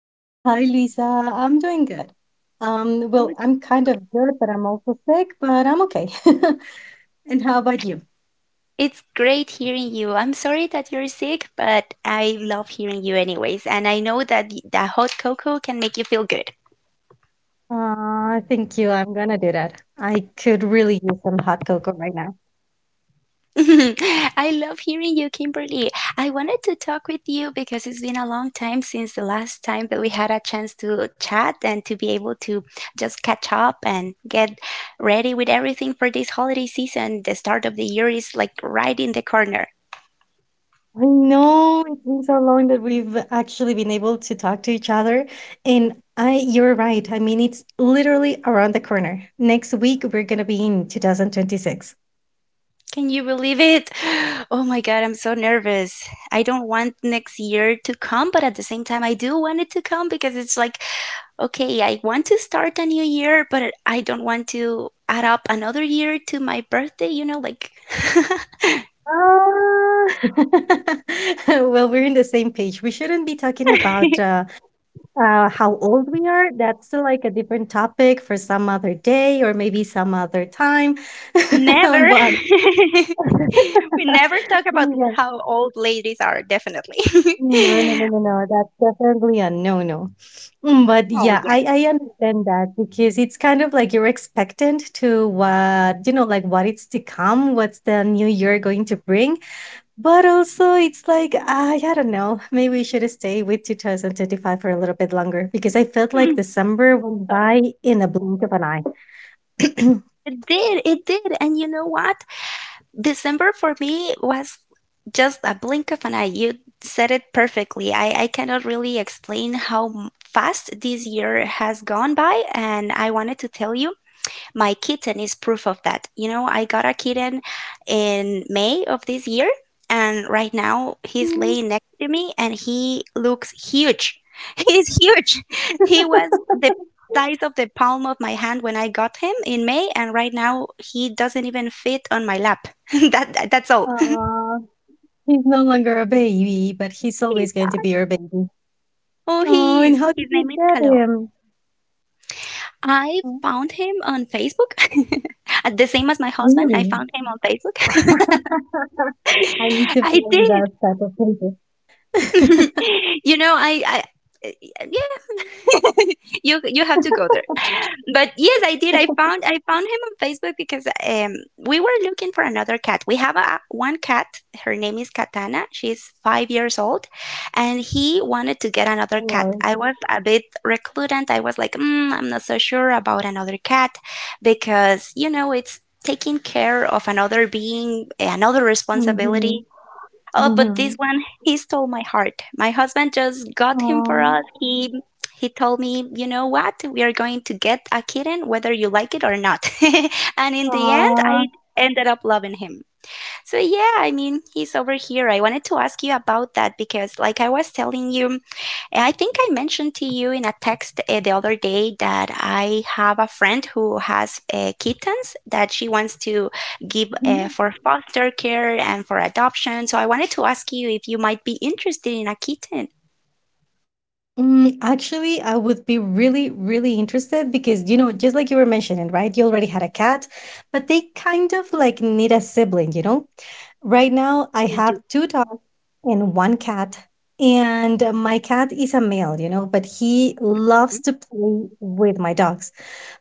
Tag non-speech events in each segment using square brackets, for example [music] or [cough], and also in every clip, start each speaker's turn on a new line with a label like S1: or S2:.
S1: Hi, Lisa. I'm doing good. Well,
S2: Good.
S1: I'm kind of good, but I'm also sick, but I'm okay. [laughs] And how about you?
S2: It's great hearing you. I'm sorry that you're sick, but I love hearing you anyways. And I know that the hot cocoa can make you feel good.
S1: Thank you. I'm gonna do that. I could really use some hot cocoa right now.
S2: [laughs] I love hearing you, Kimberly. I wanted to talk with you because it's been a long time since the last time that we had a chance to chat and to be able to just catch up and get ready with everything for this holiday season. The start of the year is like right in the corner.
S1: I know it's been so long that we've actually been able to talk to each other, and you're right. I mean, it's literally around the corner. Next week, we're gonna be in 2026.
S2: Can you believe it? [gasps] Oh my God, I'm so nervous. I don't want next year to come, but at the same time, I do want it to come because it's like, okay, I want to start a new year, but I don't want to add up another year to my birthday, like, [laughs]
S1: Ah. [laughs] Well, we're in the same page. We shouldn't be talking about how old we are. That's still like a different topic for some other day or maybe some other time.
S2: never.
S1: [laughs]
S2: [laughs]
S1: But [laughs]
S2: We never talk about
S1: yeah,
S2: how old ladies are, definitely.
S1: no, no,
S2: [laughs]
S1: no, no, no, that's definitely a no, no. But
S2: Oh,
S1: yeah,
S2: yeah.
S1: I understand that because it's kind of like you're expectant to what, like what it's to come, what's the new year going to bring. But also it's like, I don't know, [laughs] maybe we should stay with 2025 for a little bit longer because I felt like
S2: Mm.
S1: December went by in a blink of an eye.
S2: It did. And you know what? December for me was just a blink of an eye. You said it perfectly. I cannot really explain how fast this year has gone by, and I wanted to tell you my kitten is proof of that. You know, I got a kitten in May of this year, and right now he's
S1: Mm,
S2: laying next to me and he looks huge. [laughs] He's huge. [laughs] He was the size of the palm of my hand when I got him in May, and right now he doesn't even fit on my lap. [laughs] That's all. [laughs]
S1: Aw, he's no longer a baby, but he's
S2: He's
S1: always going to
S2: sad.
S1: be your baby.
S2: Oh,
S1: Oh,
S2: he
S1: and
S2: is.
S1: how did
S2: His
S1: you
S2: name is
S1: get
S2: Kalo.
S1: him?
S2: I
S1: Oh,
S2: found him on Facebook. [laughs] The same as my husband, I
S1: really?
S2: found him on Facebook.
S1: [laughs] I need
S2: [laughs]
S1: to
S2: I
S1: find that
S2: did.
S1: type of pages. [laughs]
S2: [laughs] you know, I, I I yeah, [laughs] you have to go there. But yes, I did. I found him on Facebook because we were looking for another cat. We have one cat. Her name is Katana. She's 5 years old, and he wanted to get another cat.
S1: Hello.
S2: I was a bit recludent. I was like, mm, I'm not so sure about another cat because you know it's taking care of another being, another
S1: Mm-hmm.
S2: responsibility. Oh, but
S1: Mm-hmm.
S2: this one, he stole my heart. My husband just got him for us.
S1: Aww.
S2: He told me, you know what? We are going to get a kitten, whether you like it or not. [laughs] And in the end, I ended up loving him. So yeah, I mean, he's over here. I wanted to ask you about that because like I was telling you, and I think I mentioned to you in a text the other day that I have a friend who has kittens that she wants to give
S1: Aww.
S2: for foster care and for adoption. So I wanted to ask you if you might be interested in a kitten.
S1: Actually, I would be really, really interested because, just like you were mentioning, right? You already had a cat, but they kind of like need a sibling, you know? Right now, I
S2: They do.
S1: have two dogs and one cat. And my cat is a male, but he loves to play with my dogs.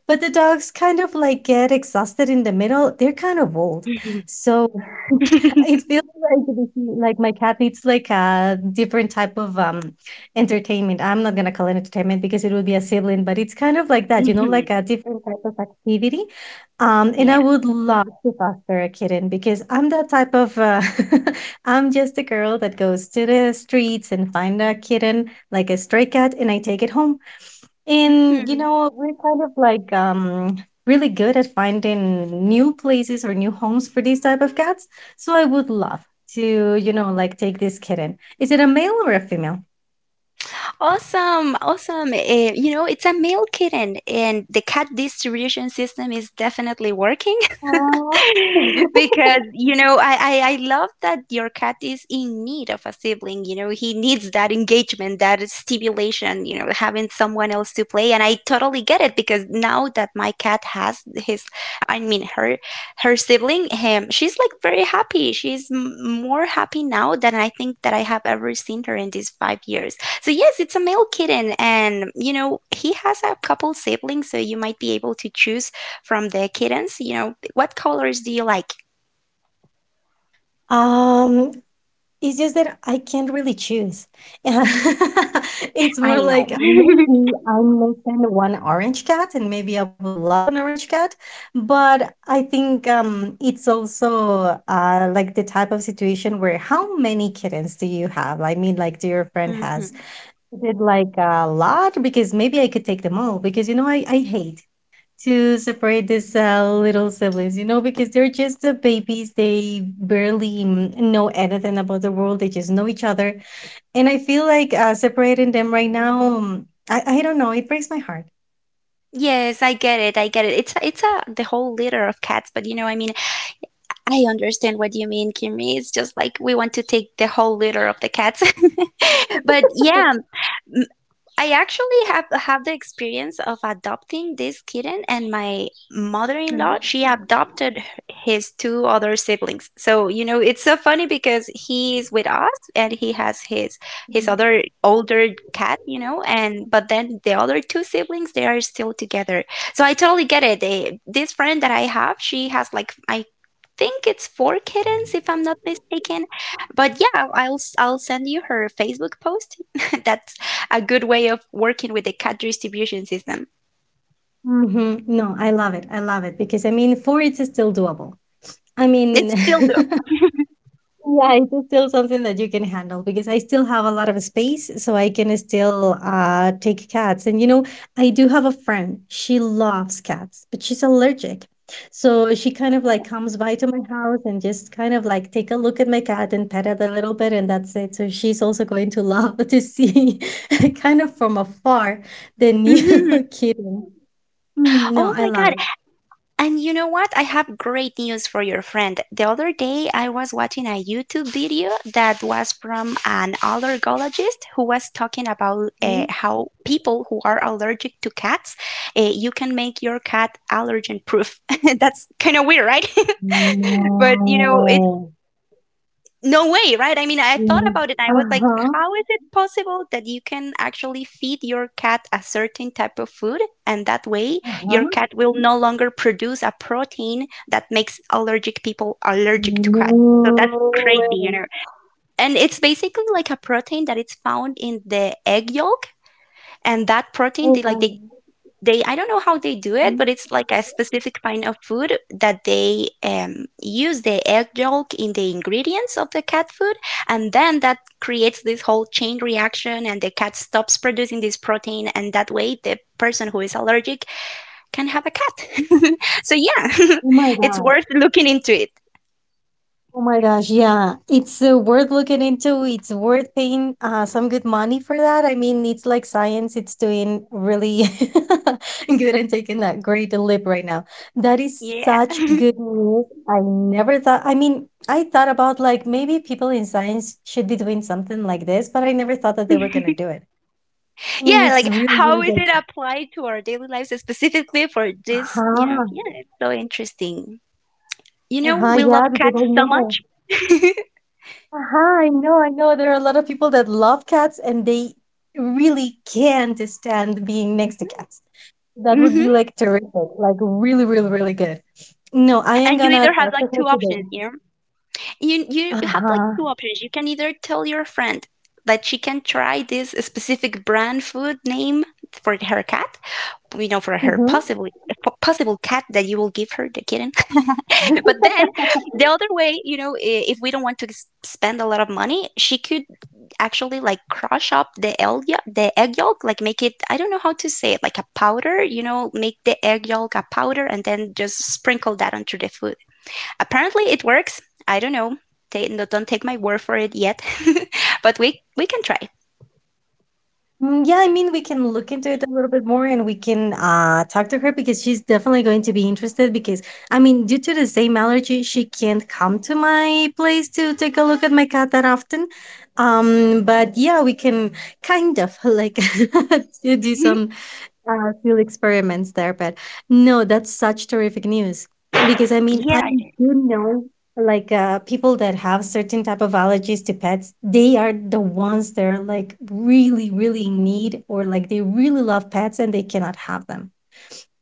S1: But the dogs kind of like get exhausted in the middle. They're kind of old.
S2: Mhm.
S1: So [laughs] it
S2: [laughs]
S1: feels like like my cat needs like a different type of entertainment. I'm not gonna call it entertainment because it would be a sibling, but it's kind of like that, like
S2: Mhm.
S1: a different type of activity and
S2: Yeah.
S1: I would love to foster a kitten because I'm that type of [laughs] I'm just a girl that goes to the streets and find a kitten, like a stray cat, and I take it home. And
S2: Hmm.
S1: we're kind of like really good at finding new places or new homes for these type of cats. So I would love to, take this kitten. Is it a male or a female?
S2: Awesome, awesome. Eh, you know, it's a male kitten, and the cat distribution system is definitely working. [laughs]
S1: Aw. [laughs]
S2: Because, you know, I love that your cat is in need of a sibling. You know, he needs that engagement, that stimulation, you know, having someone else to play. And I totally get it because now that my cat has his, I mean, her, her sibling, him, she's like very happy. She's more happy now than I think that I have ever seen her in these 5 years. So yes, it's a male kitten, and you know he has a couple siblings, so you might be able to choose from the kittens, you know, what colors do you like?
S1: Um, It's just that I can't really choose. [laughs] It's
S2: I
S1: more like
S2: know. [laughs]
S1: maybe I'm less than one orange cat, and maybe I would love an orange cat. But I think it's also like the type of situation where how many kittens do you have? I mean, like, do your friend has?
S2: Mhm.
S1: Is it like a lot? Because maybe I could take them all. Because I hate to separate these little siblings, because they're just the babies. They barely know anything about the world. They just know each other. And I feel like separating them right now, I don't know, it breaks my heart.
S2: Yes, I get it. I get it. It's a the whole litter of cats, but you know, I mean, I understand what you mean, Kimmy. It's just like we want to take the whole litter of the cats. [laughs] But yeah, I actually have the experience of adopting this kitten, and my mother-in-law she adopted his two other siblings. So you know it's so funny because he's with us and he has his other older cat, you know, and but then the other two siblings they are still together. So I totally get it. This friend that I have, she has like I think it's four kittens if I'm not mistaken. But yeah, I'll send you her Facebook post. [laughs] That a good way of working with the cat distribution system.
S1: Mm-hmm. No, I love it. I love it because I mean, four it's still doable. I
S2: It's
S1: mean,
S2: still do.
S1: [laughs] yeah, it's still something that you can handle because I still have a lot of space, so I can still take cats. And I do have a friend. She loves cats, but she's allergic. So she kind of like comes by to my house and just kind of like take a look at my cat and pet it a little bit, and that's it. So she's also going to [laughs] love to see [laughs] kind of from afar the new
S2: Mhm.
S1: [laughs] kitten. Mm, no,
S2: Oh
S1: I
S2: my
S1: love
S2: God.
S1: it.
S2: And you know what? I have great news for your friend. The other day, I was watching a YouTube video that was from an allergologist who was talking about
S1: Mm.
S2: how people who are allergic to cats, you can make your cat allergen proof. [laughs] That's kind of weird, right? [laughs] But you know,
S1: No.
S2: no way, right? I mean, I thought
S1: Mm.
S2: about it. I was like,
S1: Uh-huh.
S2: how is it possible that you can actually feed your cat a certain type of food and that way your
S1: Uh-huh.
S2: cat will no longer produce a protein that makes allergic people allergic to cats? So that's
S1: No
S2: crazy, you
S1: way.
S2: know. And it's basically like a protein that it's found in the egg yolk and that protein
S1: Oh
S2: they like
S1: my.
S2: they I don't know how they do it, but it's like a specific kind of food that they use the egg yolk in the ingredients of the cat food, and then that creates this whole chain reaction, and the cat stops producing this protein, and that way the person who is allergic can have a cat. [laughs] So yeah,
S1: Oh my
S2: [laughs] it's
S1: gosh.
S2: worth looking into it.
S1: Oh my gosh. Yeah. It's worth looking into. It's worth paying some good money for that. I mean, it's like science. It's doing really [laughs] good and taking that great leap right now. That is
S2: Yeah.
S1: such good
S2: [laughs]
S1: news. I never thought, I mean, I thought about like maybe people in science should be doing something like this, but I never thought that they were going to do it. I mean,
S2: Yeah,
S1: it's
S2: like
S1: really,
S2: how
S1: really
S2: is
S1: good.
S2: it applied to our daily lives specifically for
S1: Uh
S2: this, you know?
S1: huh.
S2: Yeah, it's so interesting. You
S1: Uh
S2: know,
S1: huh.
S2: we love
S1: Yeah, because
S2: cats
S1: I
S2: so
S1: know.
S2: much. [laughs]
S1: Uh-huh, I know, I know. There are a lot of people that love cats and they really can't stand being next to cats. That would be
S2: Mm-hmm.
S1: like terrific, like really, really, really good. No, I am
S2: And you
S1: gonna
S2: either have
S1: talk
S2: like
S1: to her
S2: two
S1: today.
S2: options, you know? You have like
S1: Uh-huh.
S2: two options. You can either tell your friend that she can try this specific brand food name for her cat, you know, for her possible cat that you will give her the kitten,
S1: Hmm.
S2: [laughs] But then
S1: [laughs]
S2: the other way, you know, if we don't want to spend a lot of money, she could actually like crush up the egg yolk, like make it, I don't know how to say it, like a powder, you know, make the egg yolk a powder and then just sprinkle that onto the food. Apparently it works. I don't know. No, don't take my word for it yet. [laughs] But we can try.
S1: Mm, yeah, I mean, we can look into it a little bit more and we can talk to her because she's definitely going to be interested. Because, I mean, due to the same allergy, she can't come to my place to take a look at my cat that often. But yeah, we can kind of [laughs] like [laughs] do
S2: Mhm.
S1: some field experiments there. But no, that's such terrific news because I mean I
S2: Yeah.
S1: do know like people that have certain type of allergies to pets, they are the ones that are like really really in need or like they really love pets and they cannot have them.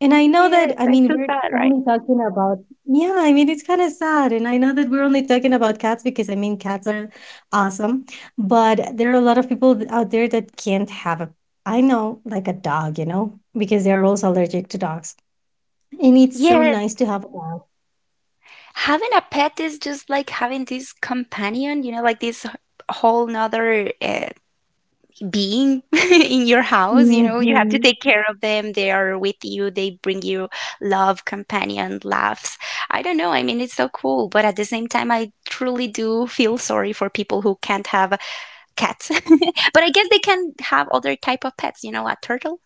S1: And I know that,
S2: Yes,
S1: I
S2: I
S1: mean,
S2: feel
S1: we're
S2: sad, right?
S1: only talking about, yeah, I mean, it's kind of sad. And I know that we're only talking about cats because, I mean, cats are awesome. But there are a lot of people out there that can't have a, I know, like a dog, because they're also allergic to dogs. And
S2: [laughs]
S1: it's so
S2: Yes.
S1: nice to have a dog.
S2: Having a pet is just like having this companion, you know, like this whole nother being [laughs] in your house. You know, you have to
S1: Hmm.
S2: take care of them. They are with you. They bring you love, companion, laughs. I don't know. I mean, it's so cool. But at the same time, I truly do feel sorry for people who can't have cats. [laughs] But I guess they can have other type of pets, you know, a turtle.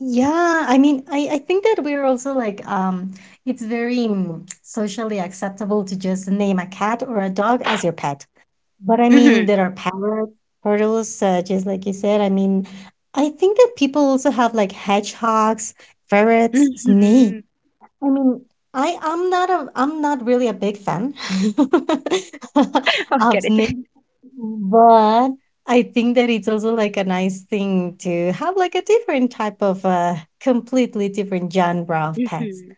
S1: Yeah, I mean, I think that we're also like, it's very socially acceptable to just name a cat or a dog as your pet. But I
S2: Hmm.
S1: mean, there are parrots, turtles, just like you said. I mean, I think that people also have like hedgehogs, ferrets, snake.
S2: Hmm.
S1: I mean, I'm not really a big fan
S2: [laughs]
S1: [laughs]
S2: I
S1: of
S2: get it.
S1: snake, but I think that it's also like a nice thing to have like a different type of completely different genre of
S2: [laughs]
S1: pets.
S2: Hmm.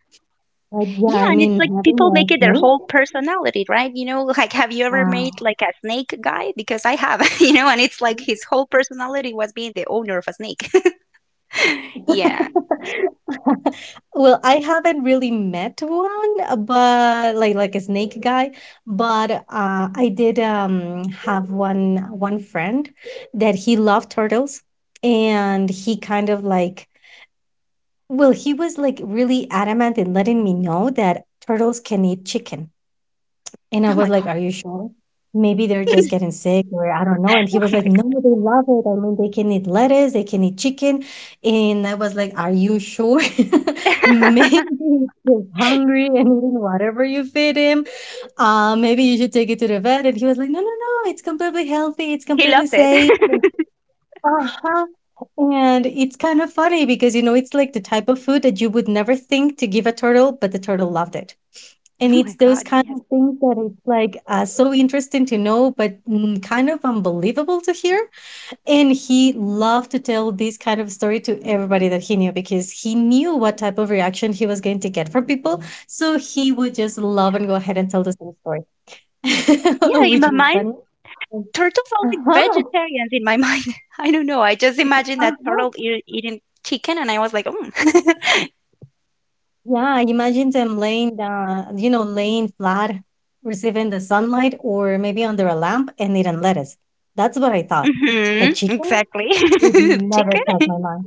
S1: But yeah,
S2: Yeah,
S1: I
S2: and
S1: mean,
S2: it's like
S1: having
S2: people
S1: a
S2: make it their
S1: snake.
S2: whole personality, right? You know, like have you ever
S1: Uh,
S2: made like a snake guy? Because I have, [laughs] you know, and it's like his whole personality was being the owner of a snake. [laughs] Yeah.
S1: [laughs] Well, I haven't really met one, but like a snake guy, but I did have one friend that he loved turtles, and he kind of like well, he was like really adamant in letting me know that turtles can eat chicken. And I
S2: Oh
S1: was
S2: my
S1: like,
S2: god.
S1: "Are
S2: [laughs]
S1: you sure? Maybe they're just getting sick or I don't know." And he was
S2: Oh
S1: like, "No, they love it. I mean, they can eat lettuce, they can eat chicken." And I was like, "Are you sure?
S2: my
S1: [laughs] Maybe
S2: god.
S1: he's just hungry and eating whatever you feed him. Maybe you should take it to the vet." And he was like, "No, no, no. It's completely healthy. It's
S2: [laughs] He
S1: completely
S2: loved it.
S1: safe." Uh-huh. And it's kind of funny because, it's like the type of food that you would never think to give a turtle, but the turtle loved it.
S2: [laughs]
S1: And
S2: Oh my
S1: it's those
S2: god.
S1: kind
S2: Yes.
S1: of things that it's like so interesting to know, but kind of unbelievable to hear. And he loved to tell this kind of story to everybody that he knew because he knew what type of reaction he was going to get from people. So he would just love
S2: Yeah.
S1: and go ahead and tell the same story, [laughs]
S2: Yeah. In
S1: which
S2: my
S1: was
S2: mind,
S1: funny.
S2: turtles are
S1: Uh
S2: like
S1: huh.
S2: vegetarians. In my mind, [laughs] I don't know. I just imagined
S1: Uh
S2: that
S1: huh.
S2: turtle
S1: [laughs]
S2: eating chicken, and I was like, oh.
S1: Yeah, imagine them laying down, laying flat, receiving the sunlight, or maybe under a lamp and eating lettuce. That's what I
S2: [laughs]
S1: thought.
S2: Hmm,
S1: But chicken?
S2: exactly. [laughs]
S1: It never
S2: Chicken.
S1: crossed my mind.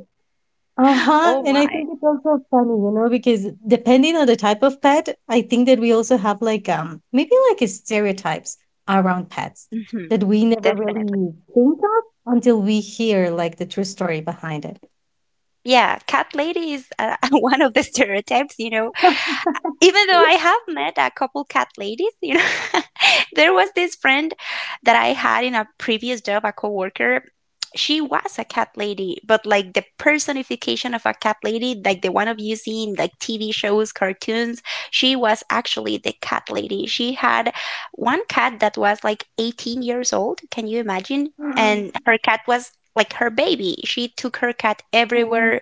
S1: Uh huh.
S2: Oh
S1: And I
S2: my.
S1: think it's also funny, because depending on the type of pet, I think that we also have like maybe like stereotypes around pets
S2: Hmm.
S1: that we never
S2: Definitely.
S1: really think of until we hear like the true story behind it.
S2: Yeah, cat lady is [laughs] one of the stereotypes, you know. Even though
S1: [laughs]
S2: I have met a couple cat ladies, you know, [laughs] there was this friend that I had in a previous job, a coworker. She was a cat lady, but like the personification of a cat lady, like the one of you see in like TV shows, cartoons, she was actually the cat lady. She had one cat that was like 18 years old. Can you imagine?
S1: 嗯，
S2: And her cat was like her baby. She took her cat
S1: 嗯，
S2: everywhere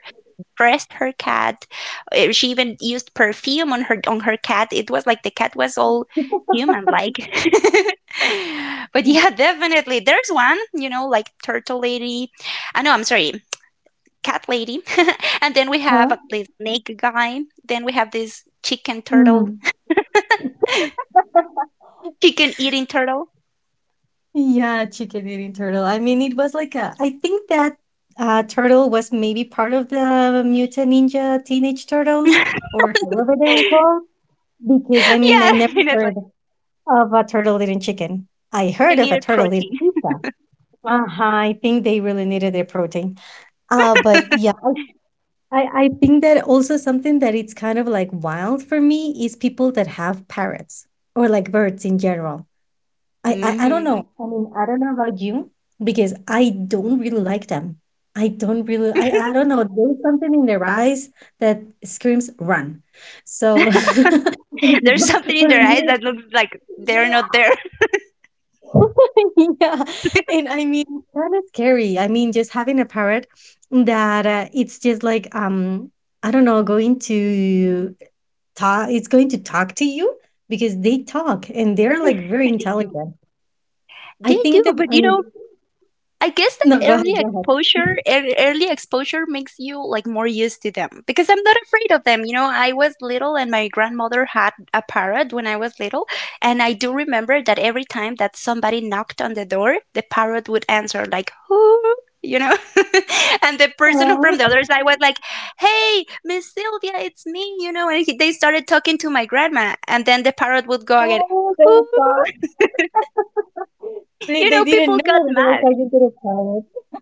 S2: dressed her cat. Eh, she even used perfume on her cat. It was like the cat was all human like. [laughs] But yeah, definitely. There's one, you know, like turtle lady. I know, I'm sorry, cat lady. [laughs] And then we have this snake guy. Then we have this chicken turtle,
S1: 嗯。
S2: chicken eating turtle.
S1: Yeah, chicken eating turtle. I mean, it was like a. I think that turtle was maybe part of the Mutant Ninja Teenage Turtles,
S2: [laughs]
S1: or however they were called. Because I mean,
S2: Yeah,
S1: I never
S2: [laughs] and it's
S1: heard
S2: like
S1: of a turtle eating chicken. I heard
S2: they
S1: of a
S2: needed
S1: turtle
S2: protein.
S1: eating pizza. Uh-huh, I think they really needed their protein. But yeah, I think that also something that it's kind of like wild for me is people that have parrots or like birds in general I don't know.
S2: Hmm.
S1: I mean, I don't know about you because I don't really like them. I don't really. I don't know. There's something in their eyes that screams run. So
S2: [laughs] There's something
S1: [laughs]
S2: in
S1: for
S2: their eyes
S1: me,
S2: that looks like they're not
S1: yeah,
S2: there.
S1: [laughs] yeah. And I mean, kind of scary. I mean, just having a parrot that it's just like I don't know, going to talk. It's going to talk to you because they talk and they're like very
S2: [laughs] They do.
S1: intelligent. I
S2: They do,
S1: think that.
S2: but
S1: I mean,
S2: I guess
S1: no,
S2: the
S1: go
S2: early
S1: ahead, go ahead.
S2: exposure, early exposure makes you like more used to them because I'm not afraid of them. I was little and my grandmother had a parrot when I was little, and I do remember that every time that somebody knocked on the door, the parrot would answer like "who," you know, [laughs] and the person from
S1: Oh,
S2: the other side was like, "Hey, Miss Sylvia, it's me," and they started talking to my grandma, and then the parrot would go again.
S1: oh,
S2: "Who?"
S1: they thought they, they didn't
S2: People got
S1: know they were
S2: mad.
S1: talking to the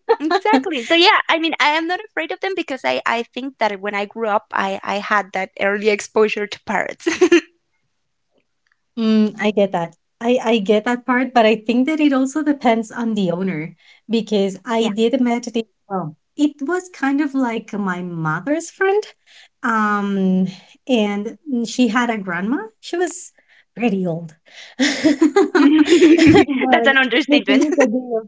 S1: parrot. [laughs]
S2: Exactly. So yeah, I mean, I am not afraid of them because I think that when I grew up, I had that early exposure to parrots. [laughs]
S1: Mm, I get that. I get that part, but I think that it also depends on the owner because
S2: Yeah.
S1: I did meditate. Well, it was kind of like my mother's friend. Um, and she had a grandma. She was pretty old. [laughs]
S2: [laughs] That's an
S1: But the
S2: understatement.
S1: thing
S2: [laughs]
S1: is that,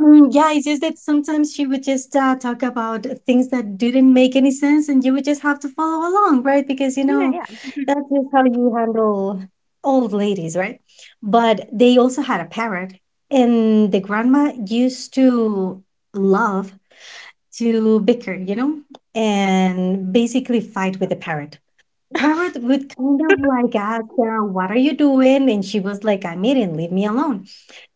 S1: mm, yeah, it's just that sometimes she would just talk about things that didn't make any sense, and you would just have to follow along, right? Because
S2: Yeah, yeah.
S1: that's just how you handle old ladies, right? But they also had a parrot, and the grandma used to love to bicker, and basically fight with the parrot. The parrot would kind of like ask her, "What are you doing?" And she was like, "I'm eating. Leave me alone."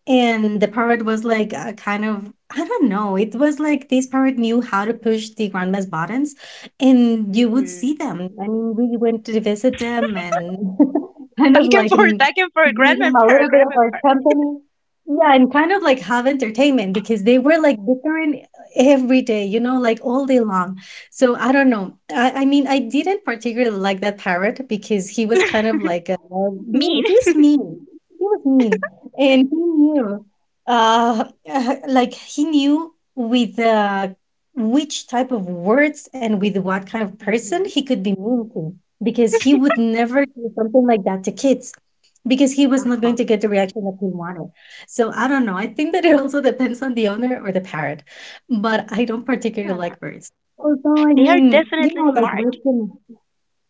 S1: And the parrot was like a kind of, I don't know, it was like this parrot knew how to push the grandma's buttons and you would
S2: hmm
S1: see them. I mean, we went to visit them and [laughs] kind of like
S2: Back and forth,
S1: give
S2: grandma
S1: them
S2: and
S1: a
S2: parrot,
S1: little bit of
S2: grandma and
S1: our company. Yeah, and kind of like have entertainment because they were like bickering every day, like all day long. So I don't know. I mean, I didn't particularly like that parrot because he was
S2: parrot.
S1: kind of like a
S2: [laughs] Mean.
S1: mean. He was mean. He was mean and he knew uh [laughs] like he knew with which type of words and with what kind of person
S2: Hmm.
S1: he could be mean to because he would never do something like that to kids because he was not going
S2: Uh-huh.
S1: to get the reaction that he wanted. So I don't know. I think that it also depends on the owner or the parent, but I don't particularly
S2: Huh.
S1: like birds, although, I
S2: They are
S1: mean, you
S2: definitely
S1: know, like we
S2: smart,
S1: can.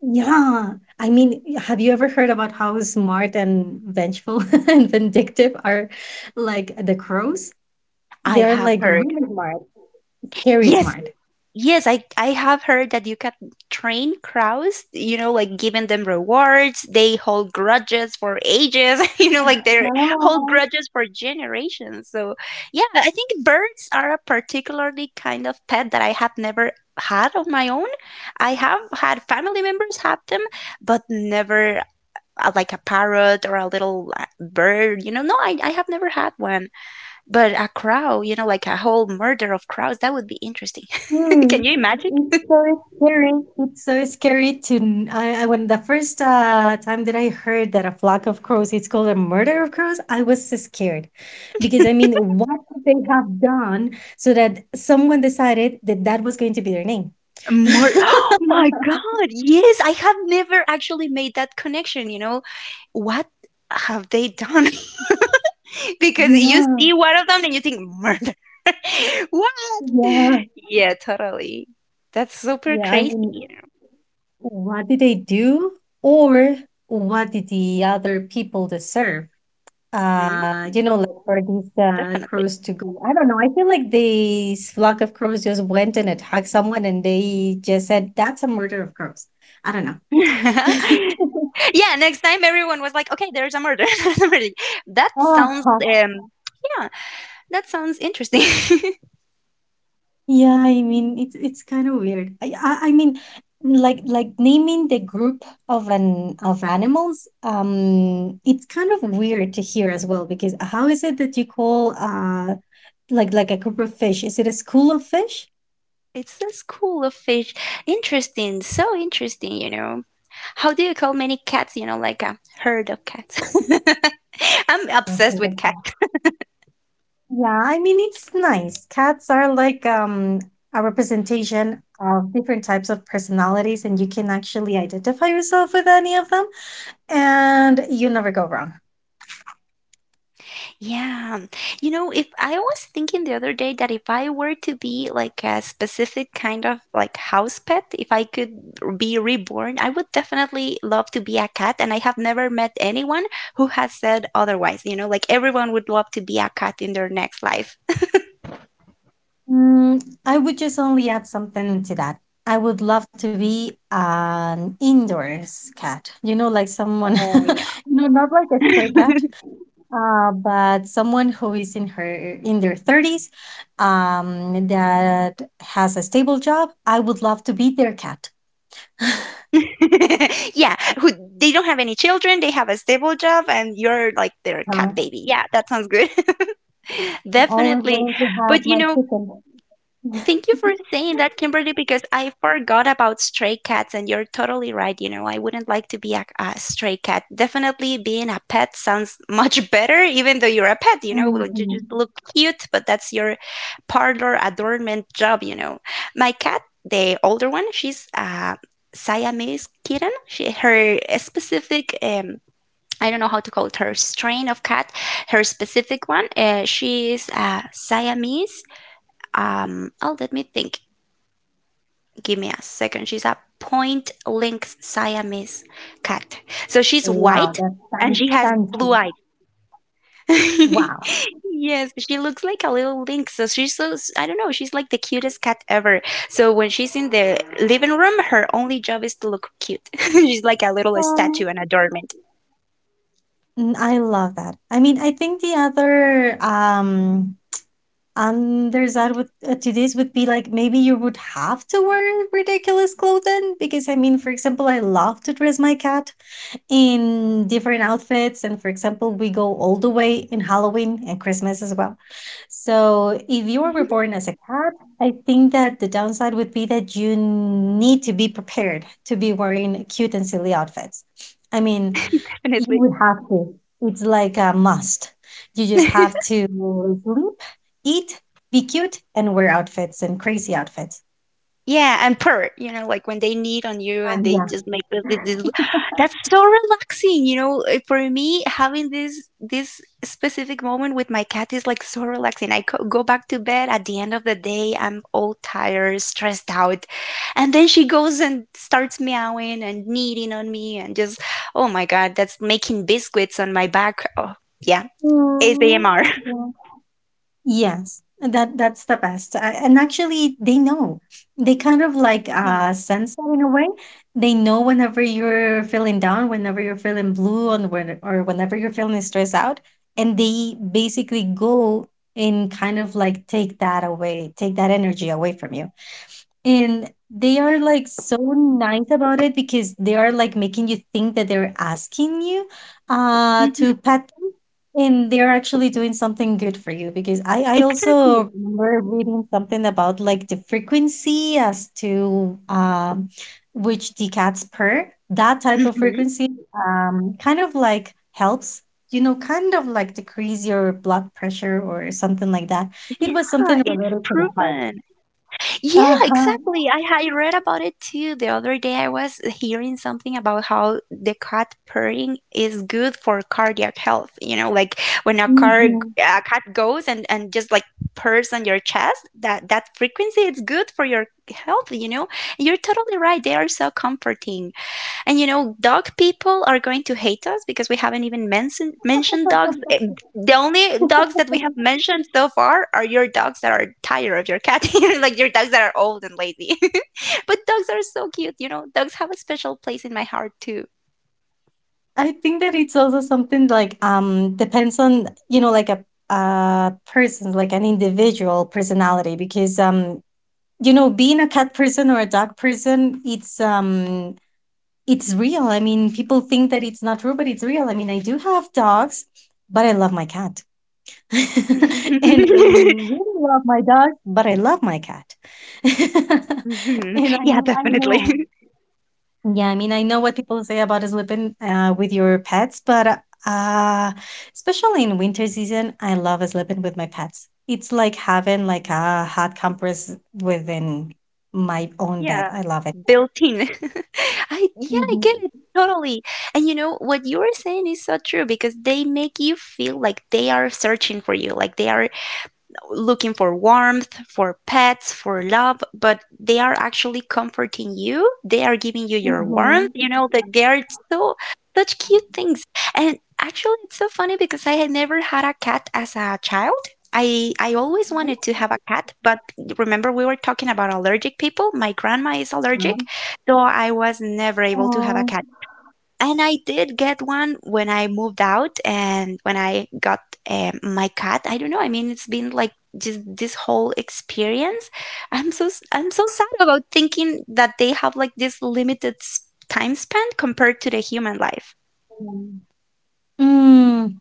S1: Yeah. I mean, have you ever heard about how smart and vengeful [laughs] and vindictive are like the crows?
S2: I
S1: They're
S2: have
S1: like
S2: heard.
S1: really smart, scary
S2: Yes,
S1: smart.
S2: yes, I have heard that you can train crows, like giving them rewards. They hold grudges for ages, [laughs] like they hold
S1: Oh,
S2: grudges for generations. So, yeah, I think birds are a particularly kind of pet that I have never had of my own. I have had family members have them, but never like a parrot or a little bird. No, I have never had one. But a crow, like a whole murder of crows, that would be interesting. [laughs]
S1: hmm.
S2: Can you imagine?
S1: It's so scary. It's so scary I when the first time that I heard that a flock of crows, it's called a murder of crows, I was so scared because I mean, what could they have done so that someone decided that that was going to be their name?
S2: [gasps] Oh
S1: [laughs]
S2: my God. Yes, I have never actually made that connection. What have they done? [laughs] Because you
S1: Yeah.
S2: see one of them and you think murder. [laughs] What?
S1: Yeah,
S2: Yeah, totally. That's super
S1: yeah. I
S2: crazy.
S1: mean,
S2: you
S1: what did they do, or what did the other people deserve?
S2: know. Mm,
S1: You know, like for these
S2: definitely.
S1: crows to go. I don't know. I feel like this flock of crows just went and attacked someone, and they just said that's a murder of crows. I don't
S2: [laughs] Yeah,
S1: know.
S2: next time everyone was like, "Okay, there's a murder. [laughs] There's a murder." that
S1: [laughs]
S2: sounds
S1: Ah,
S2: um yeah, that sounds interesting. [laughs]
S1: yeah, I mean, it's kind of weird. I mean, like naming the group of animals, it's kind of weird to hear as well, because how is it that you call like a group of fish, is it a school of fish?
S2: It's a school of fish. Interesting, so interesting. How do you call many cats, like a herd of cats? [laughs] I'm obsessed
S1: Something
S2: with
S1: like that.
S2: cats.
S1: Yeah, I mean, it's nice. Cats are like a representation of different types of personalities and you can actually identify yourself with any of them. And you never go wrong.
S2: Yeah. If I was thinking the other day that if I were to be like a specific kind of like house pet, if I could be reborn, I would definitely love to be a cat. And I have never met anyone who has said otherwise. Like everyone would love to be a cat in their next life.
S1: Mm, I would just only add something to that. I would love to be an indoors cat, you know, like someone, [laughs]
S2: Oh,
S1: you
S2: yeah.
S1: know, not like a stray cat.
S2: [laughs]
S1: But someone who is in their 30s, that has a stable job, I would love to be their cat.
S2: [laughs] Yeah, who they don't have any children, they have a stable job, and you're like their cat
S1: Uh,
S2: baby. Yeah, that sounds good. [laughs]
S1: I'm always
S2: Definitely.
S1: going to have
S2: But
S1: my chicken. [laughs]
S2: thank you for saying that, Kimberly, because I forgot about stray cats, and you're totally right. I wouldn't like to be a stray cat. Definitely being a pet sounds [laughs] much better, even though you're a pet, you
S1: Mhm.
S2: just look cute, but that's your parlor adornment job. My cat, the older one, she's a Siamese kitten. Her specific, I don't know how to call it, her strain of cat, her specific one, she is a Siamese oh, let me think, give me a second. She's a point length Siamese cat. So she's
S1: Wow,
S2: white
S1: that
S2: and
S1: sounds
S2: she has blue
S1: fancy.
S2: eyes. [laughs]
S1: Wow.
S2: Yes, she looks like a little lynx. So she's so, I don't know, she's like the cutest cat ever. So when she's in the living room, her only job is to look cute. [laughs] She's like a little statue
S1: Um,
S2: and adornment.
S1: I love that. I mean, I think the other underside with to this would be like maybe you would have to wear ridiculous clothing, because I mean, for example, I love to dress my cat in different outfits, and for example, we go all the way in Halloween and Christmas as well. So if you were
S2: Mhm,
S1: reborn as a cat, I think that the downside would be that you need to be prepared to be wearing cute and silly outfits. I mean, you
S2: definitely.
S1: would have to. It's like a must. You just
S2: [laughs]
S1: have to sleep, eat, be cute, and wear outfits and crazy outfits.
S2: Yeah, and purr, like when they need on you
S1: Ah,
S2: and they
S1: yeah.
S2: just make that's so relaxing. For me, having this specific moment with my cat is like so relaxing. I co go back to bed at the end of the day, I'm all tired, stressed out, and then she goes and starts meowing and kneading on me and just, oh my God, that's making biscuits on my back. Oh, yeah,
S1: Mm,
S2: ASMR.
S1: yeah. Yes, that's the best. And actually, they know. They kind of like
S2: Yeah.
S1: sense that in a way. They know whenever you're feeling down, whenever you're feeling blue, and when or whenever you're feeling stressed out, and they basically go and kind of like take that away, take that energy away from you. And they are
S2: Yes.
S1: like so nice about it because they are like making you think that they're asking you to
S2: Hmm.
S1: pet them and they're actually doing something good for you because I
S2: Exactly.
S1: also remember reading something about like the frequency as to which the cats purr. That type of
S2: Hmm.
S1: frequency kind of like helps kind of like decrease your blood pressure or something like that. It was
S2: Yeah,
S1: something
S2: it's
S1: related to the heart.
S2: proven. Yeah,
S1: Uh-huh.
S2: exactly. I read about it too the other day. I was hearing something about how the cat purring is good for cardiac health. Like when a car
S1: Mhm.
S2: a cat goes and just like purrs on your chest, that frequency it's good for your health. You're totally right. They are so comforting. And dog people are going to hate us because we haven't even mentioned dogs. The only dogs that we have mentioned so far are your dogs that are tired of your cat, [laughs] like your dogs that are old and lazy. [laughs] But dogs are so cute. Dogs have a special place in my heart too.
S1: I think that it's also something like, depends on, like a person, like an individual personality, because being a cat person or a dog person, it's real. I mean, people think that it's not true but it's real. I mean, I do have dogs but I love my cat. [laughs] And I
S2: [laughs]
S1: really love my dog but I love my cat. [laughs]
S2: Mhm.
S1: And I
S2: Yeah,
S1: mean, I
S2: definitely.
S1: know.
S2: [laughs]
S1: Yeah, I mean, I know what people say about sleeping with your pets, but uh, especially in winter season, I love sleeping with my pets. It's like having like a hot compress within my own bed.
S2: Yeah.
S1: I love it.
S2: Built in. [laughs] I yeah, I get it
S1: Mm-hmm.
S2: totally. And you know what you are saying is so true because they make you feel like they are searching for you, like they are looking for warmth, for pets, for love, but they are actually comforting you. They are giving you your warmth.
S1: Mm-hmm.
S2: That they are so such cute things. And actually it's so funny because I had never had a cat as a child. I always wanted to have a cat, but remember we were talking about allergic people. My grandma is allergic, so I was never able to have a cat. And I did get one when I moved out and when I got my cat. I don't know. I mean, it's been like just this whole experience. I'm so sad about thinking that they have like this limited time span compared to the human life.
S1: Mm.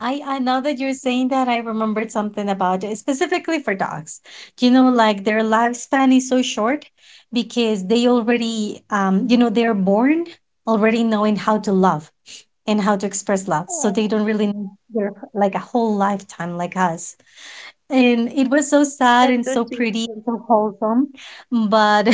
S1: I Now that you're saying that, I remembered something about it, specifically for dogs. You know, like their lifespan is so short because they already, they're born already knowing how to love and how to express love. So they
S2: Oh,
S1: don't really need their like a whole lifetime like us, and it was so sad
S2: that's
S1: and
S2: so
S1: so
S2: sweet.
S1: pretty and so wholesome, but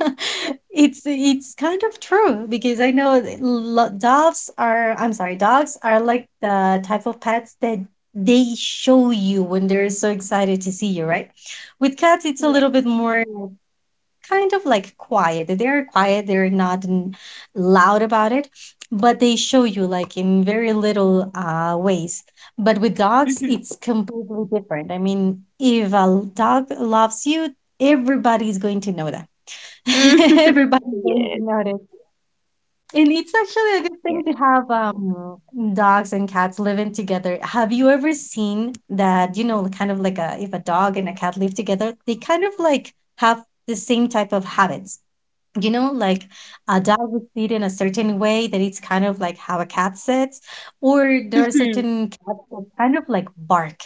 S1: [laughs] it's kind of true, because I know that doves are, I'm sorry, dogs are like the type of pets that they show you when they're so excited to see you, right? With cats, it's a
S2: Yeah.
S1: little bit more kind of like quiet. They're quiet, they're not loud about it, but they show you like in very little ways. But with dogs,
S2: Mm-hmm.
S1: it's completely different. I mean, if a dog loves you, everybody's going to know that. [laughs]
S2: [laughs]
S1: Everybody's going to
S2: Yes.
S1: notice. And it's actually a good thing to
S2: Yes.
S1: have dogs and cats living together. Have you ever seen that, kind of like if a dog and a cat live together, they kind of like have the same type of habits? Like a dog would sit in a certain way that it's kind of like how a cat sits, or there are
S2: Mhm.
S1: certain cats that kind of like bark.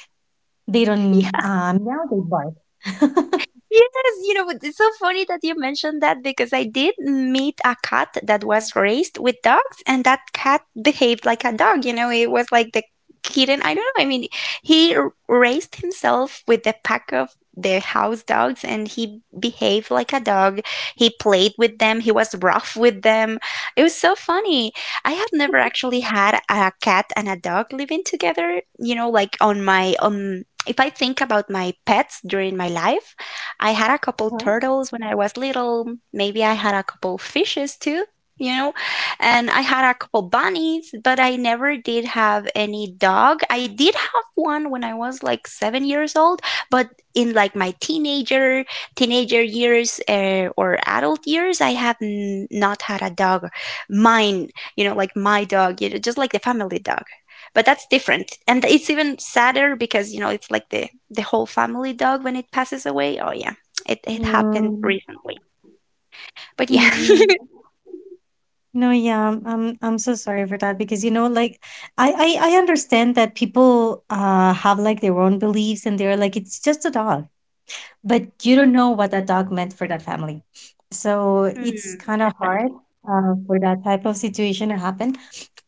S1: They don't
S2: [laughs]
S1: meow, they bark. [laughs]
S2: Yes, it's so funny that you mentioned that because I did meet a cat that was raised with dogs, and that cat behaved like a dog. It was like the kitten. I don't know. I mean, he raised himself with the pack of the house dogs, and he behaved like a dog. He played with them. He was rough with them. It was so funny. I have never actually had a cat and a dog living together. You know, like on my. If I think about my pets during my life, I had a couple
S1: Huh?
S2: turtles when I was little. Maybe I had a couple fishes too, you know, and I had a couple bunnies, but I never did have any dog. I did have one when I was like 7 years old, but in like my teenager years or adult years, I have not had a dog. Mine, like my dog, just like the family dog, but that's different, and it's even sadder because it's like the whole family dog when it passes away. Oh yeah, it happened
S1: Mm,
S2: recently. But yeah.
S1: mm.
S2: [laughs]
S1: No, yeah, I'm so sorry for that, because like I understand that people have like their own beliefs and they're like it's just a dog, but you don't know what that dog meant for that family. So it's
S2: Mm,
S1: kind of hard
S2: definitely.
S1: for that type of situation to happen,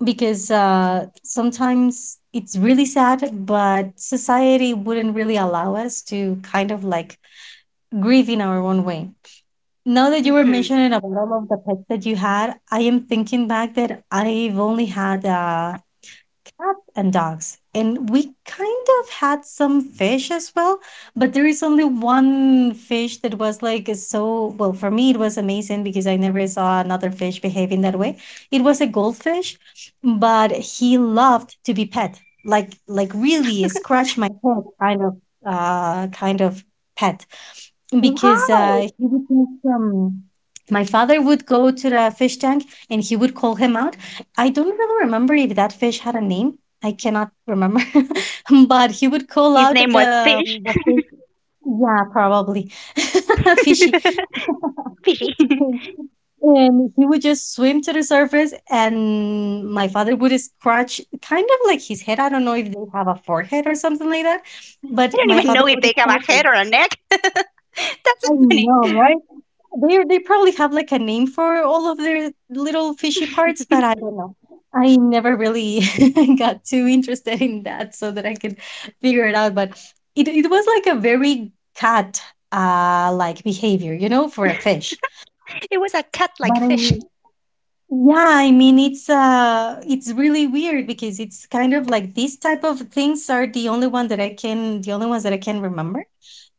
S1: because sometimes it's really sad, but society wouldn't really allow us to kind of like grieve in our own way. Now that you were
S2: Hmm.
S1: mentioning about all of the pets that you had, I am thinking back that I've only had cats and dogs. And we kind of had some fish as well, but there is only one fish that was, like, so, well, for me it was amazing because I never saw another fish behaving that way. It was a goldfish, but he loved to be pet. Like really scratch my head kind of, kind of pet, because
S2: Wow.
S1: he would do some. My father would go to the fish tank and he would call him out. I don't really remember if that fish had a name. I cannot remember, [laughs] but he would call
S2: His
S1: out the,
S2: name was Fish.
S1: the fish. Yeah, probably [laughs]
S2: [laughs]
S1: fishy,
S2: Fishy. [laughs] I
S1: [laughs] and he would just swim to the surface. And my father would scratch kind of like his head. I don't know if they have a forehead or something like that, but
S2: don't
S1: my
S2: even
S1: father
S2: know if
S1: would
S2: they have a
S1: scratch it.
S2: head or a neck. [laughs] That's
S1: I
S2: so funny.
S1: know, right? They probably have like a name for all of their little fishy parts, but I don't know. I never really [laughs] got too interested in that so that I could figure it out. But it was like a very cat like behavior, you know, for a fish.
S2: It was a cat like
S1: But I
S2: fish. [laughs]
S1: mean yeah, I mean it's really weird because it's kind of like these type of things are the only one that I can the only ones that I can remember.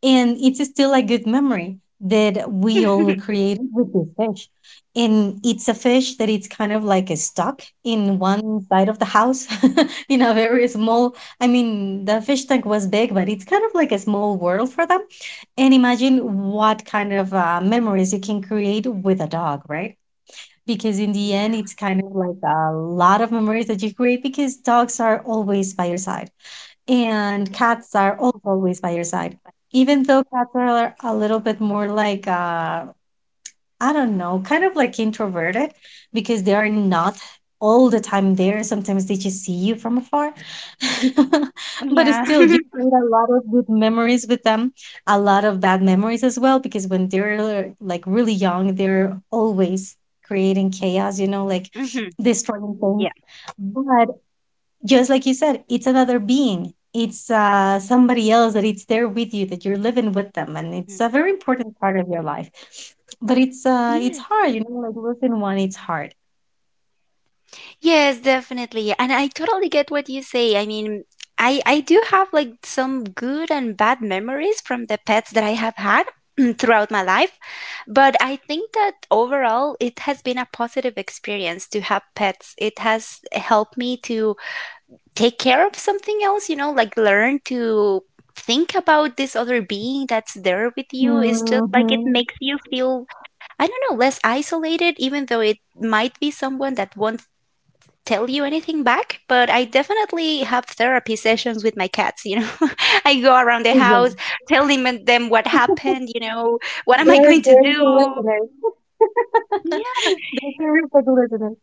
S1: And it's still a good memory that we all created with this fish. And it's a fish that it's kind of like a stuck in one side of the house [laughs] in a very small, I mean, the fish tank was big, but it's kind of like a small world for them. And imagine what kind of memories you can create with a dog, right? Because in the end,
S2: Yeah.
S1: it's kind of like a lot of memories that you create because dogs are always by your side and cats are always by your side. Even though cats are a little bit more like, I don't know, kind of like introverted because they are not all the time there. Sometimes they just see you from afar. [laughs] But
S2: Yeah.
S1: still, you
S2: [laughs]
S1: create a lot of good memories with them, a lot of bad memories as well, because when they're like really young, they're always creating chaos, you know, like
S2: Hmm.
S1: destroying things.
S2: Yeah.
S1: But just like you said, it's another being. It's somebody else that it's there with you, that you're living with them, and it's a
S2: Mm.
S1: very important part of your life. But it's
S2: Yeah.
S1: hard, you know, like losing one, it's hard.
S2: Yes, definitely. And I totally get what you say. I mean, I do have like some good and bad memories from the pets that I have had [clears throat] throughout my life, but I think that overall it has been a positive experience to have pets. It has helped me to take care of something else, like learn to think about this other being that's there with you. It's just like it
S1: Mm-hmm.
S2: makes you feel, I don't know, less isolated, even though it might be someone that won't tell you anything back, but I definitely have therapy sessions with my cats. [laughs] I go around the
S1: Yeah.
S2: house telling them what happened, what
S1: [laughs]
S2: am
S1: They
S2: I
S1: are
S2: going to
S1: very
S2: do?
S1: listeners. [laughs] They're terrific listeners.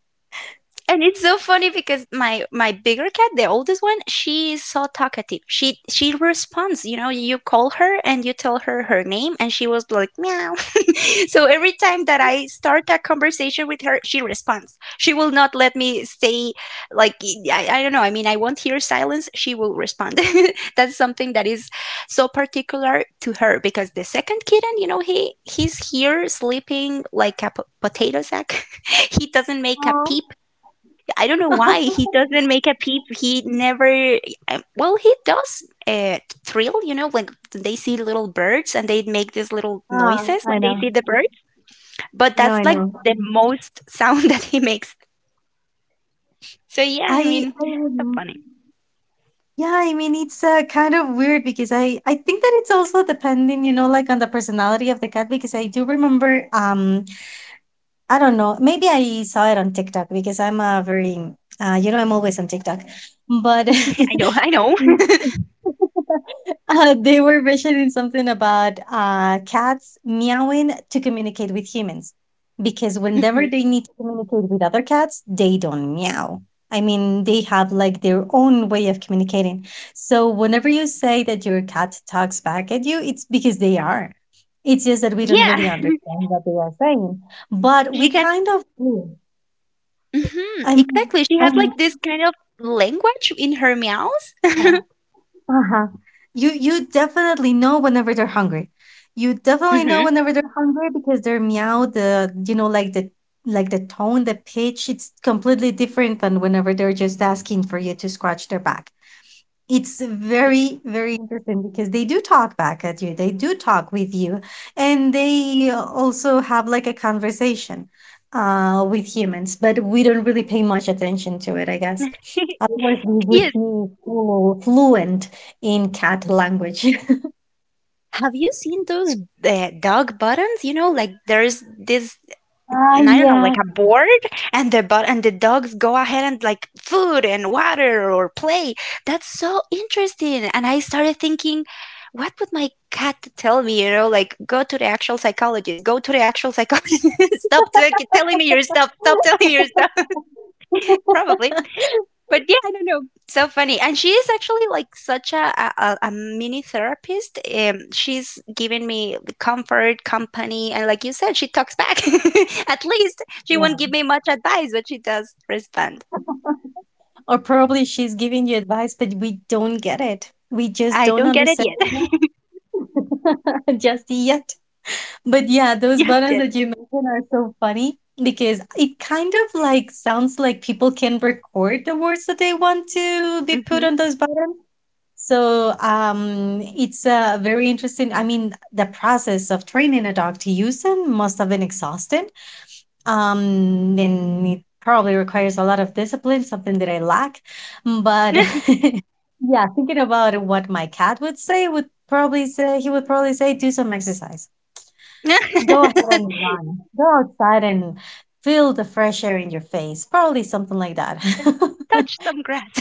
S2: And it's so funny because my bigger cat, the oldest one, she is so talkative. She responds, you call her and you tell her her name, and she was like meow. [laughs] So every time that I start a conversation with her, she responds. She will not let me stay, like I don't know, I mean I won't hear silence, she will respond. [laughs] That's something that is so particular to her because the second kitten, he's here sleeping like a potato sack. [laughs] He doesn't make a
S1: Oh.
S2: peep. I don't know why he doesn't make a
S1: [laughs]
S2: peep. He never. Well, he does thrill, like they see little birds and they make these little
S1: Ah,
S2: noises
S1: I
S2: when they
S1: know.
S2: see the bird. But
S1: No,
S2: that's
S1: I
S2: like
S1: know.
S2: the most sound [laughs] that he makes. So yeah, I
S1: I
S2: mean,
S1: I
S2: so
S1: would.
S2: funny.
S1: Yeah, I mean it's kind of weird because I think that it's also depending, you know, like on the personality of the cat because I do remember I don't know, maybe I saw it on TikTok because I'm a very you know, I'm always on TikTok. But [laughs] [laughs] [laughs]
S2: [laughs] I know, I know. [laughs]
S1: They were mentioning something about cats meowing to communicate with humans because
S2: Hmm.
S1: whenever they need to communicate with other cats, they don't meow. I mean, they have like their own way of communicating. So whenever you say that your cat talks back at you, it's because they are. It's just that we don't
S2: Yeah,
S1: really understand what they are saying, but
S2: she
S1: we
S2: got.
S1: kind of do. I mean,
S2: Exactly, she
S1: I
S2: has
S1: mean,
S2: like this kind of language in her meows.
S1: uh-huh. Uh-huh. You definitely know whenever they're hungry. You definitely know
S2: Hmm
S1: whenever they're hungry because their meow, the you know, like the tone, the pitch, it's completely different than whenever they're just asking for you to scratch their back. It's
S2: [laughs]
S1: very very interesting because they do talk back at you, they do talk with you, and they also have like a conversation with humans, but we don't really pay much attention to it, I guess, otherwise we would
S2: Yes.
S1: be fluent in cat language. [laughs]
S2: Have you seen those dog buttons? You know, like there's this
S1: Ah,
S2: I don't know, like
S1: yeah.
S2: a board, and the dogs go ahead and like food and water or play. That's so interesting. And I started thinking, what would my cat tell me? You know, like go to the actual psychologist, go to the actual psychologist. [laughs] Stop telling me your stuff. Stop telling me your stuff. [laughs] Probably,
S1: [laughs]
S2: but yeah, I don't know. So funny, and she is actually like such a mini therapist. She's giving me comfort, company, and like you said, she talks back. [laughs] At least she won't
S1: Yeah.
S2: give me much advice, but she does respond.
S1: Or probably she's giving you advice but we don't get it, we just
S2: I
S1: don't
S2: don't get it
S1: understand
S2: yet. [laughs]
S1: [laughs] just yet. But yeah, those
S2: Yes,
S1: buttons
S2: yet.
S1: that you mentioned are so funny because it kind of like sounds like people can record the words that they want to be put
S2: Hmm
S1: on those buttons. So it's very interesting. I mean, the process of training a dog to use them must have been exhausting. Then it probably requires a lot of discipline, something that I lack. But
S2: [laughs]
S1: [laughs] yeah, thinking about what my cat would say, would probably say he would probably say, do some exercise. Go ahead and run. Go outside and feel the fresh air in your face. Probably something like that.
S2: Touch
S1: [laughs]
S2: some grass.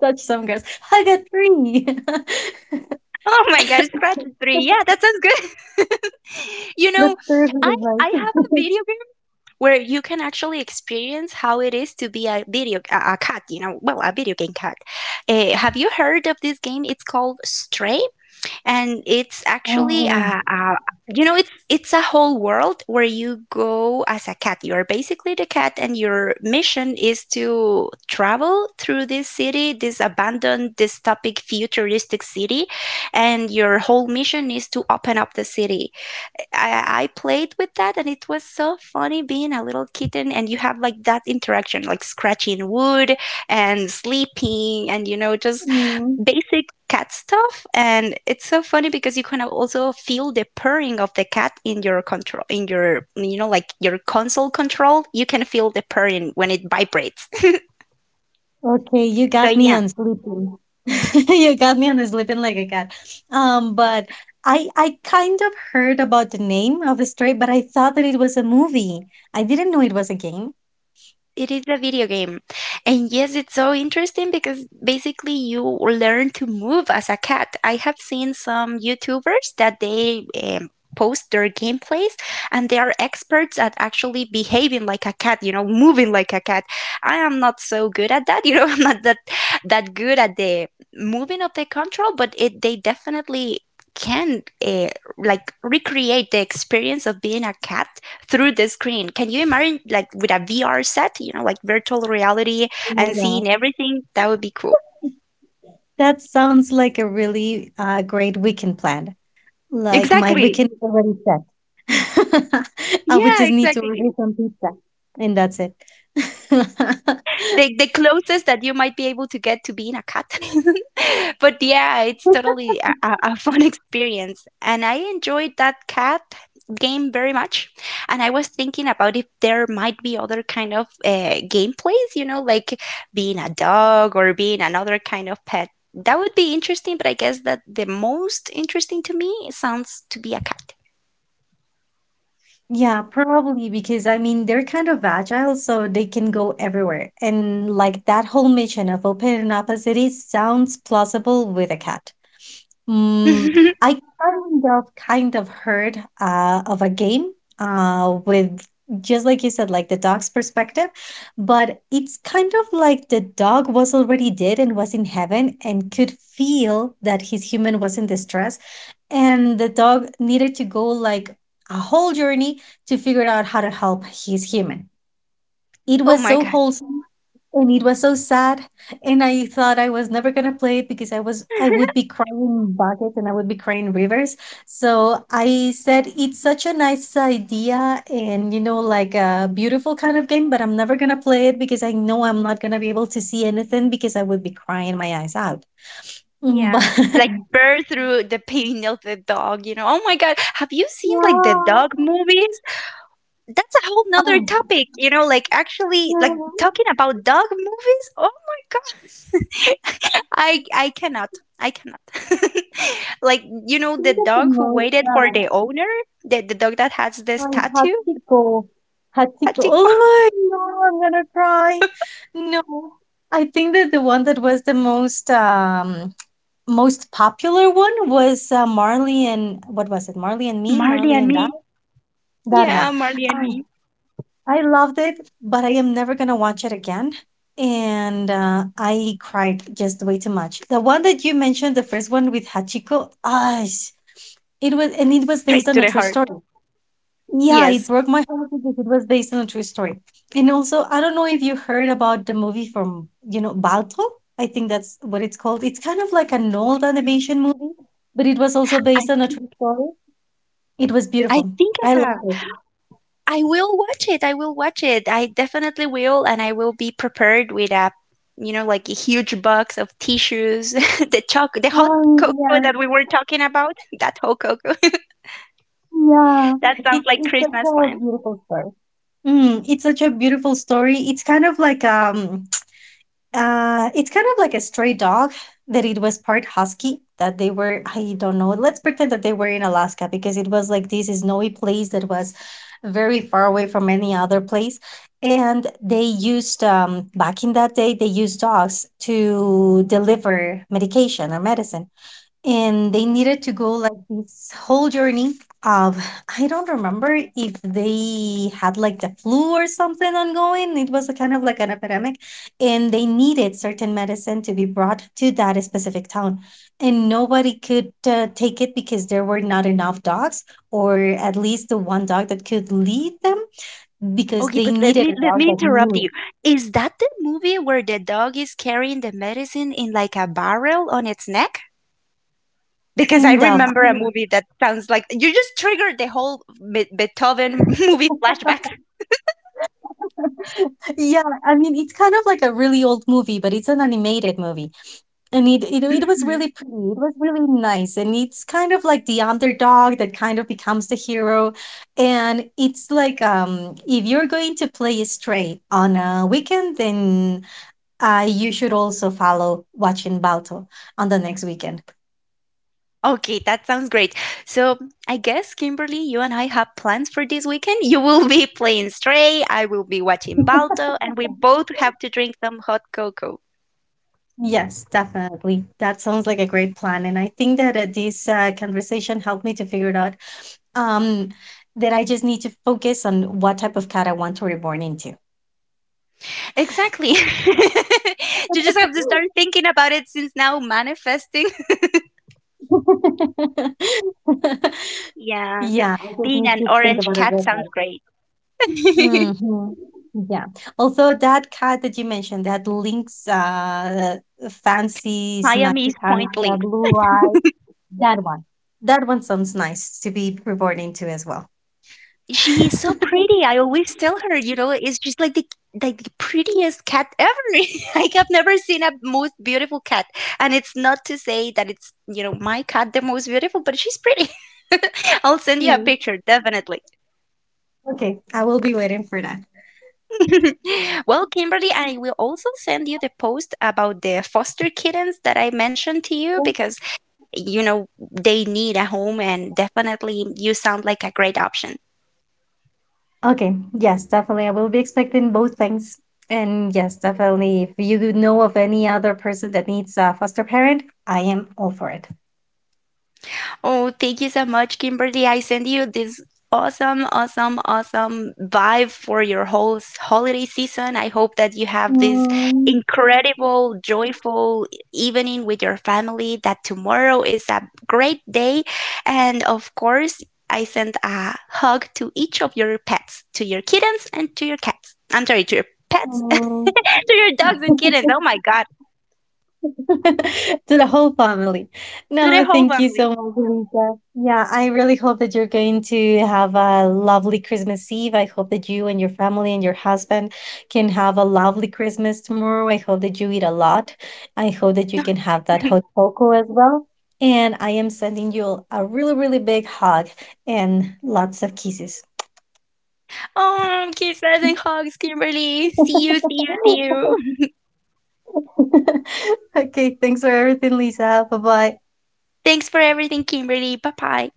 S1: Touch some grass. Hug a tree. [laughs]
S2: [laughs] Oh my god, scratch is three. Yeah, that sounds good. [laughs] You
S1: That's
S2: know,
S1: terrible
S2: I
S1: advice.
S2: have
S1: [laughs]
S2: a video where you can actually experience how it is to be a cat, you know, well, a video game cat. Uh, have you heard of this game? It's called Stray, and it's actually
S1: Oh.
S2: a you know, it's a whole world where you go as a cat. You are basically the cat, and your mission is to travel through this city, this abandoned, dystopic, futuristic city, and your whole mission is to open up the city. I played with that, and it was so funny being a little kitten, and you have like that interaction, like scratching wood and sleeping, and you know, just
S1: mm.
S2: basic cat stuff. And it's so funny because you can also feel the purring of the cat in your control, in your, you know, like your console control, you can feel the purring when it vibrates.
S1: Okay, you
S2: [laughs] So
S1: got me
S2: yeah,
S1: on sleeping. [laughs] You got me on sleeping like a cat. But I kind of heard about the name of the story, but I thought that it was a movie. I didn't know it was a game.
S2: it is a video game. And yes, it's so interesting because basically you learn to move as a cat. I have seen some YouTubers that they post their gameplays, and they are experts at actually behaving like a cat, you know, moving like a cat. I am not so good at that. [laughs] You know, I'm not that good at the moving of the control, but it they definitely can like recreate the experience of being a cat through the screen. Can you imagine like with a VR set, you know, like virtual reality
S1: Oh my
S2: and
S1: god.
S2: seeing everything? That would be cool.
S1: That sounds like a really great weekend plan. Like my
S2: Exactly.
S1: weekend is already set. [laughs] I would
S2: Yeah,
S1: just need to order
S2: exactly.
S1: some pizza, and that's it.
S2: The closest that you might be able to get to being a cat. [laughs] But yeah, it's
S1: [laughs]
S2: totally a fun [laughs] experience, and I enjoyed that cat game very much. And I was thinking about if there might be other kind of gameplays, you know, like being a dog or being another kind of pet. That would be interesting, but I guess that the most interesting to me sounds to be a cat.
S1: Yeah, probably because I mean they're kind of agile, so they can go everywhere. And like that whole mission of opening up a city sounds plausible with a cat. Mm,
S2: [laughs]
S1: I kind of heard of a game with just like you said, like the dog's perspective, but it's kind of like the dog was already dead and was in heaven and could feel that his human was in distress, and the dog needed to go like a whole journey to figure out how to help his human. It
S2: Oh
S1: was
S2: my
S1: so
S2: god.
S1: wholesome and it was so sad, and I thought I was never gonna play it because I would
S2: [laughs]
S1: be crying buckets and I would be crying rivers. So I said it's such a nice idea and you know like a beautiful kind of game, but I'm never gonna play it because I know I'm not gonna be able to see anything because I would be crying my eyes out. But
S2: Yeah,
S1: [laughs]
S2: like bear through the pain of the dog, you know. Oh my God, have you seen like the
S1: yeah,
S2: dog movies? That's a whole
S1: I,
S2: nother topic, you know, like actually
S1: yeah,
S2: like
S1: I
S2: talking about dog movies. Oh my God. [laughs] I cannot. I cannot. [laughs] Like, you know, the
S1: think that the
S2: dog who
S1: most
S2: waited for the owner, the dog that has this tattoo.
S1: Hachiko.
S2: I
S1: Hachiko.
S2: think [laughs]
S1: Oh no, I'm gonna cry. No, I think that the one that was the most most popular one was Marley and what was it? Marley and me,
S2: Marley
S1: Marley
S2: and
S1: and I.
S2: Me.
S1: That one.
S2: Yeah, Marley and
S1: I
S2: Me.
S1: I loved it, but I am never gonna watch it again. And I cried just way too much. The one that you mentioned, the first one with Hachiko, ah, it was, and it was based
S2: Straight
S1: on
S2: to
S1: a
S2: the
S1: true
S2: heart.
S1: story. Yeah, it
S2: Yes.
S1: broke my heart because it was based on a true story. And also, I don't know if you heard about the movie from, you know, Balto. I think that's what it's called. It's kind of like an old animation movie, but it was also
S2: I
S1: based on a
S2: think
S1: true story. It was
S2: I
S1: beautiful.
S2: think
S1: I
S2: I
S1: love
S2: have.
S1: it.
S2: I will watch it. I will watch it. I definitely will, and I will be prepared with a, you know, like a huge box of tissues, [laughs] the hot
S1: Oh,
S2: cocoa
S1: yeah.
S2: that we were talking about. That hot cocoa. [laughs]
S1: Yeah.
S2: That
S1: It,
S2: sounds like
S1: it's
S2: Christmas
S1: such a
S2: plan.
S1: beautiful story. It's such a beautiful story. It's kind of like it's kind of like a stray dog that it was part husky that they were, I don't know. Let's pretend that they were in Alaska because it was like this snowy place that was very far away from any other place. And they used back in that day they used dogs to deliver medication or medicine and they needed to go like this whole journey of, I don't remember if they had like the flu or something ongoing, it was a kind of like an epidemic and they needed certain medicine to be brought to that specific town and nobody could take it because there were not enough dogs, or at least the one dog that could lead them because
S2: Okay,
S1: they
S2: but let
S1: needed
S2: me
S1: a
S2: let
S1: dog
S2: me
S1: that
S2: interrupt
S1: knew
S2: you. Is that the movie where the dog is carrying the medicine in like a barrel on its neck? Because I
S1: kind of,
S2: remember a movie that sounds like you just triggered the whole Beethoven [laughs] movie flashbacks.
S1: I mean it's kind of like a really old movie but it's an animated movie. And it was really pretty. It was really nice, and it's kind of like the underdog that kind of becomes the hero. And it's like if you're going to play straight on a weekend, then you should also follow watching Balto on the next weekend.
S2: Okay, that sounds great. So, I guess, Kimberly, you and I have plans for this weekend. You will be playing Stray, I will be watching
S1: [laughs]
S2: Balto, and we both have to drink some hot cocoa.
S1: Yes, definitely. That sounds like a great plan, and I think that this conversation helped me to figure it out, um, that I just need to focus on what type of cat I want to reborn into.
S2: Exactly. [laughs] You just have to start
S1: [laughs]
S2: thinking about it since now, manifesting.
S1: [laughs]
S2: [laughs] Yeah,
S1: Yeah, I just
S2: being
S1: need
S2: an
S1: to think
S2: orange
S1: about it
S2: cat
S1: real
S2: sounds
S1: quick.
S2: great. [laughs]
S1: hmm Yeah. Although that card that you mentioned, that links fancy
S2: Miami
S1: smacky
S2: is
S1: pants,
S2: Point Links.
S1: blue eyed, that one. That one sounds nice to be reborn into as well.
S2: She is so pretty. I always tell her, you know, it's just like the prettiest cat ever. [laughs] Like I have never seen a most beautiful cat. And it's not to say that it's, you know, my cat the most beautiful, but she's pretty. [laughs] I'll send you a
S1: Hmm.
S2: picture, definitely.
S1: Okay, I will be waiting for that.
S2: [laughs] Well, Kimberly, I will also send you the post about the foster kittens that I mentioned to you because, you know, they need a home and definitely you sound like a great option.
S1: Okay. Yes, definitely. I will be expecting both things. And yes, definitely. If you do know of any other person that needs a foster parent, I am all for it.
S2: Oh, thank you so much, Kimberly. I send you this awesome, awesome, awesome vibe for your whole holiday season. I hope that you have this
S1: Mm,
S2: incredible, joyful evening with your family, that tomorrow is a great day. And of course, I send a hug to each of your pets, to your kittens and to your cats. I'm sorry, to your pets, [laughs]
S1: mm.
S2: to your dogs and kittens.
S1: [laughs]
S2: Oh my God,
S1: [laughs] to the whole family.
S2: to the
S1: No,
S2: whole
S1: thank you
S2: family.
S1: so much, Lisa. Yeah, I really hope that you're going to have a lovely Christmas Eve. I hope that you and your family and your husband can have a lovely Christmas tomorrow. I hope that you eat a lot. I hope that you can have that
S2: [laughs]
S1: hot cocoa as well. And I am sending you a really, really big hug and lots of kisses.
S2: Oh, kisses and hugs, Kimberly. See you.
S1: [laughs] Okay, thanks for everything, Lisa. Bye bye.
S2: [laughs] Thanks for everything, Kimberly. Bye bye.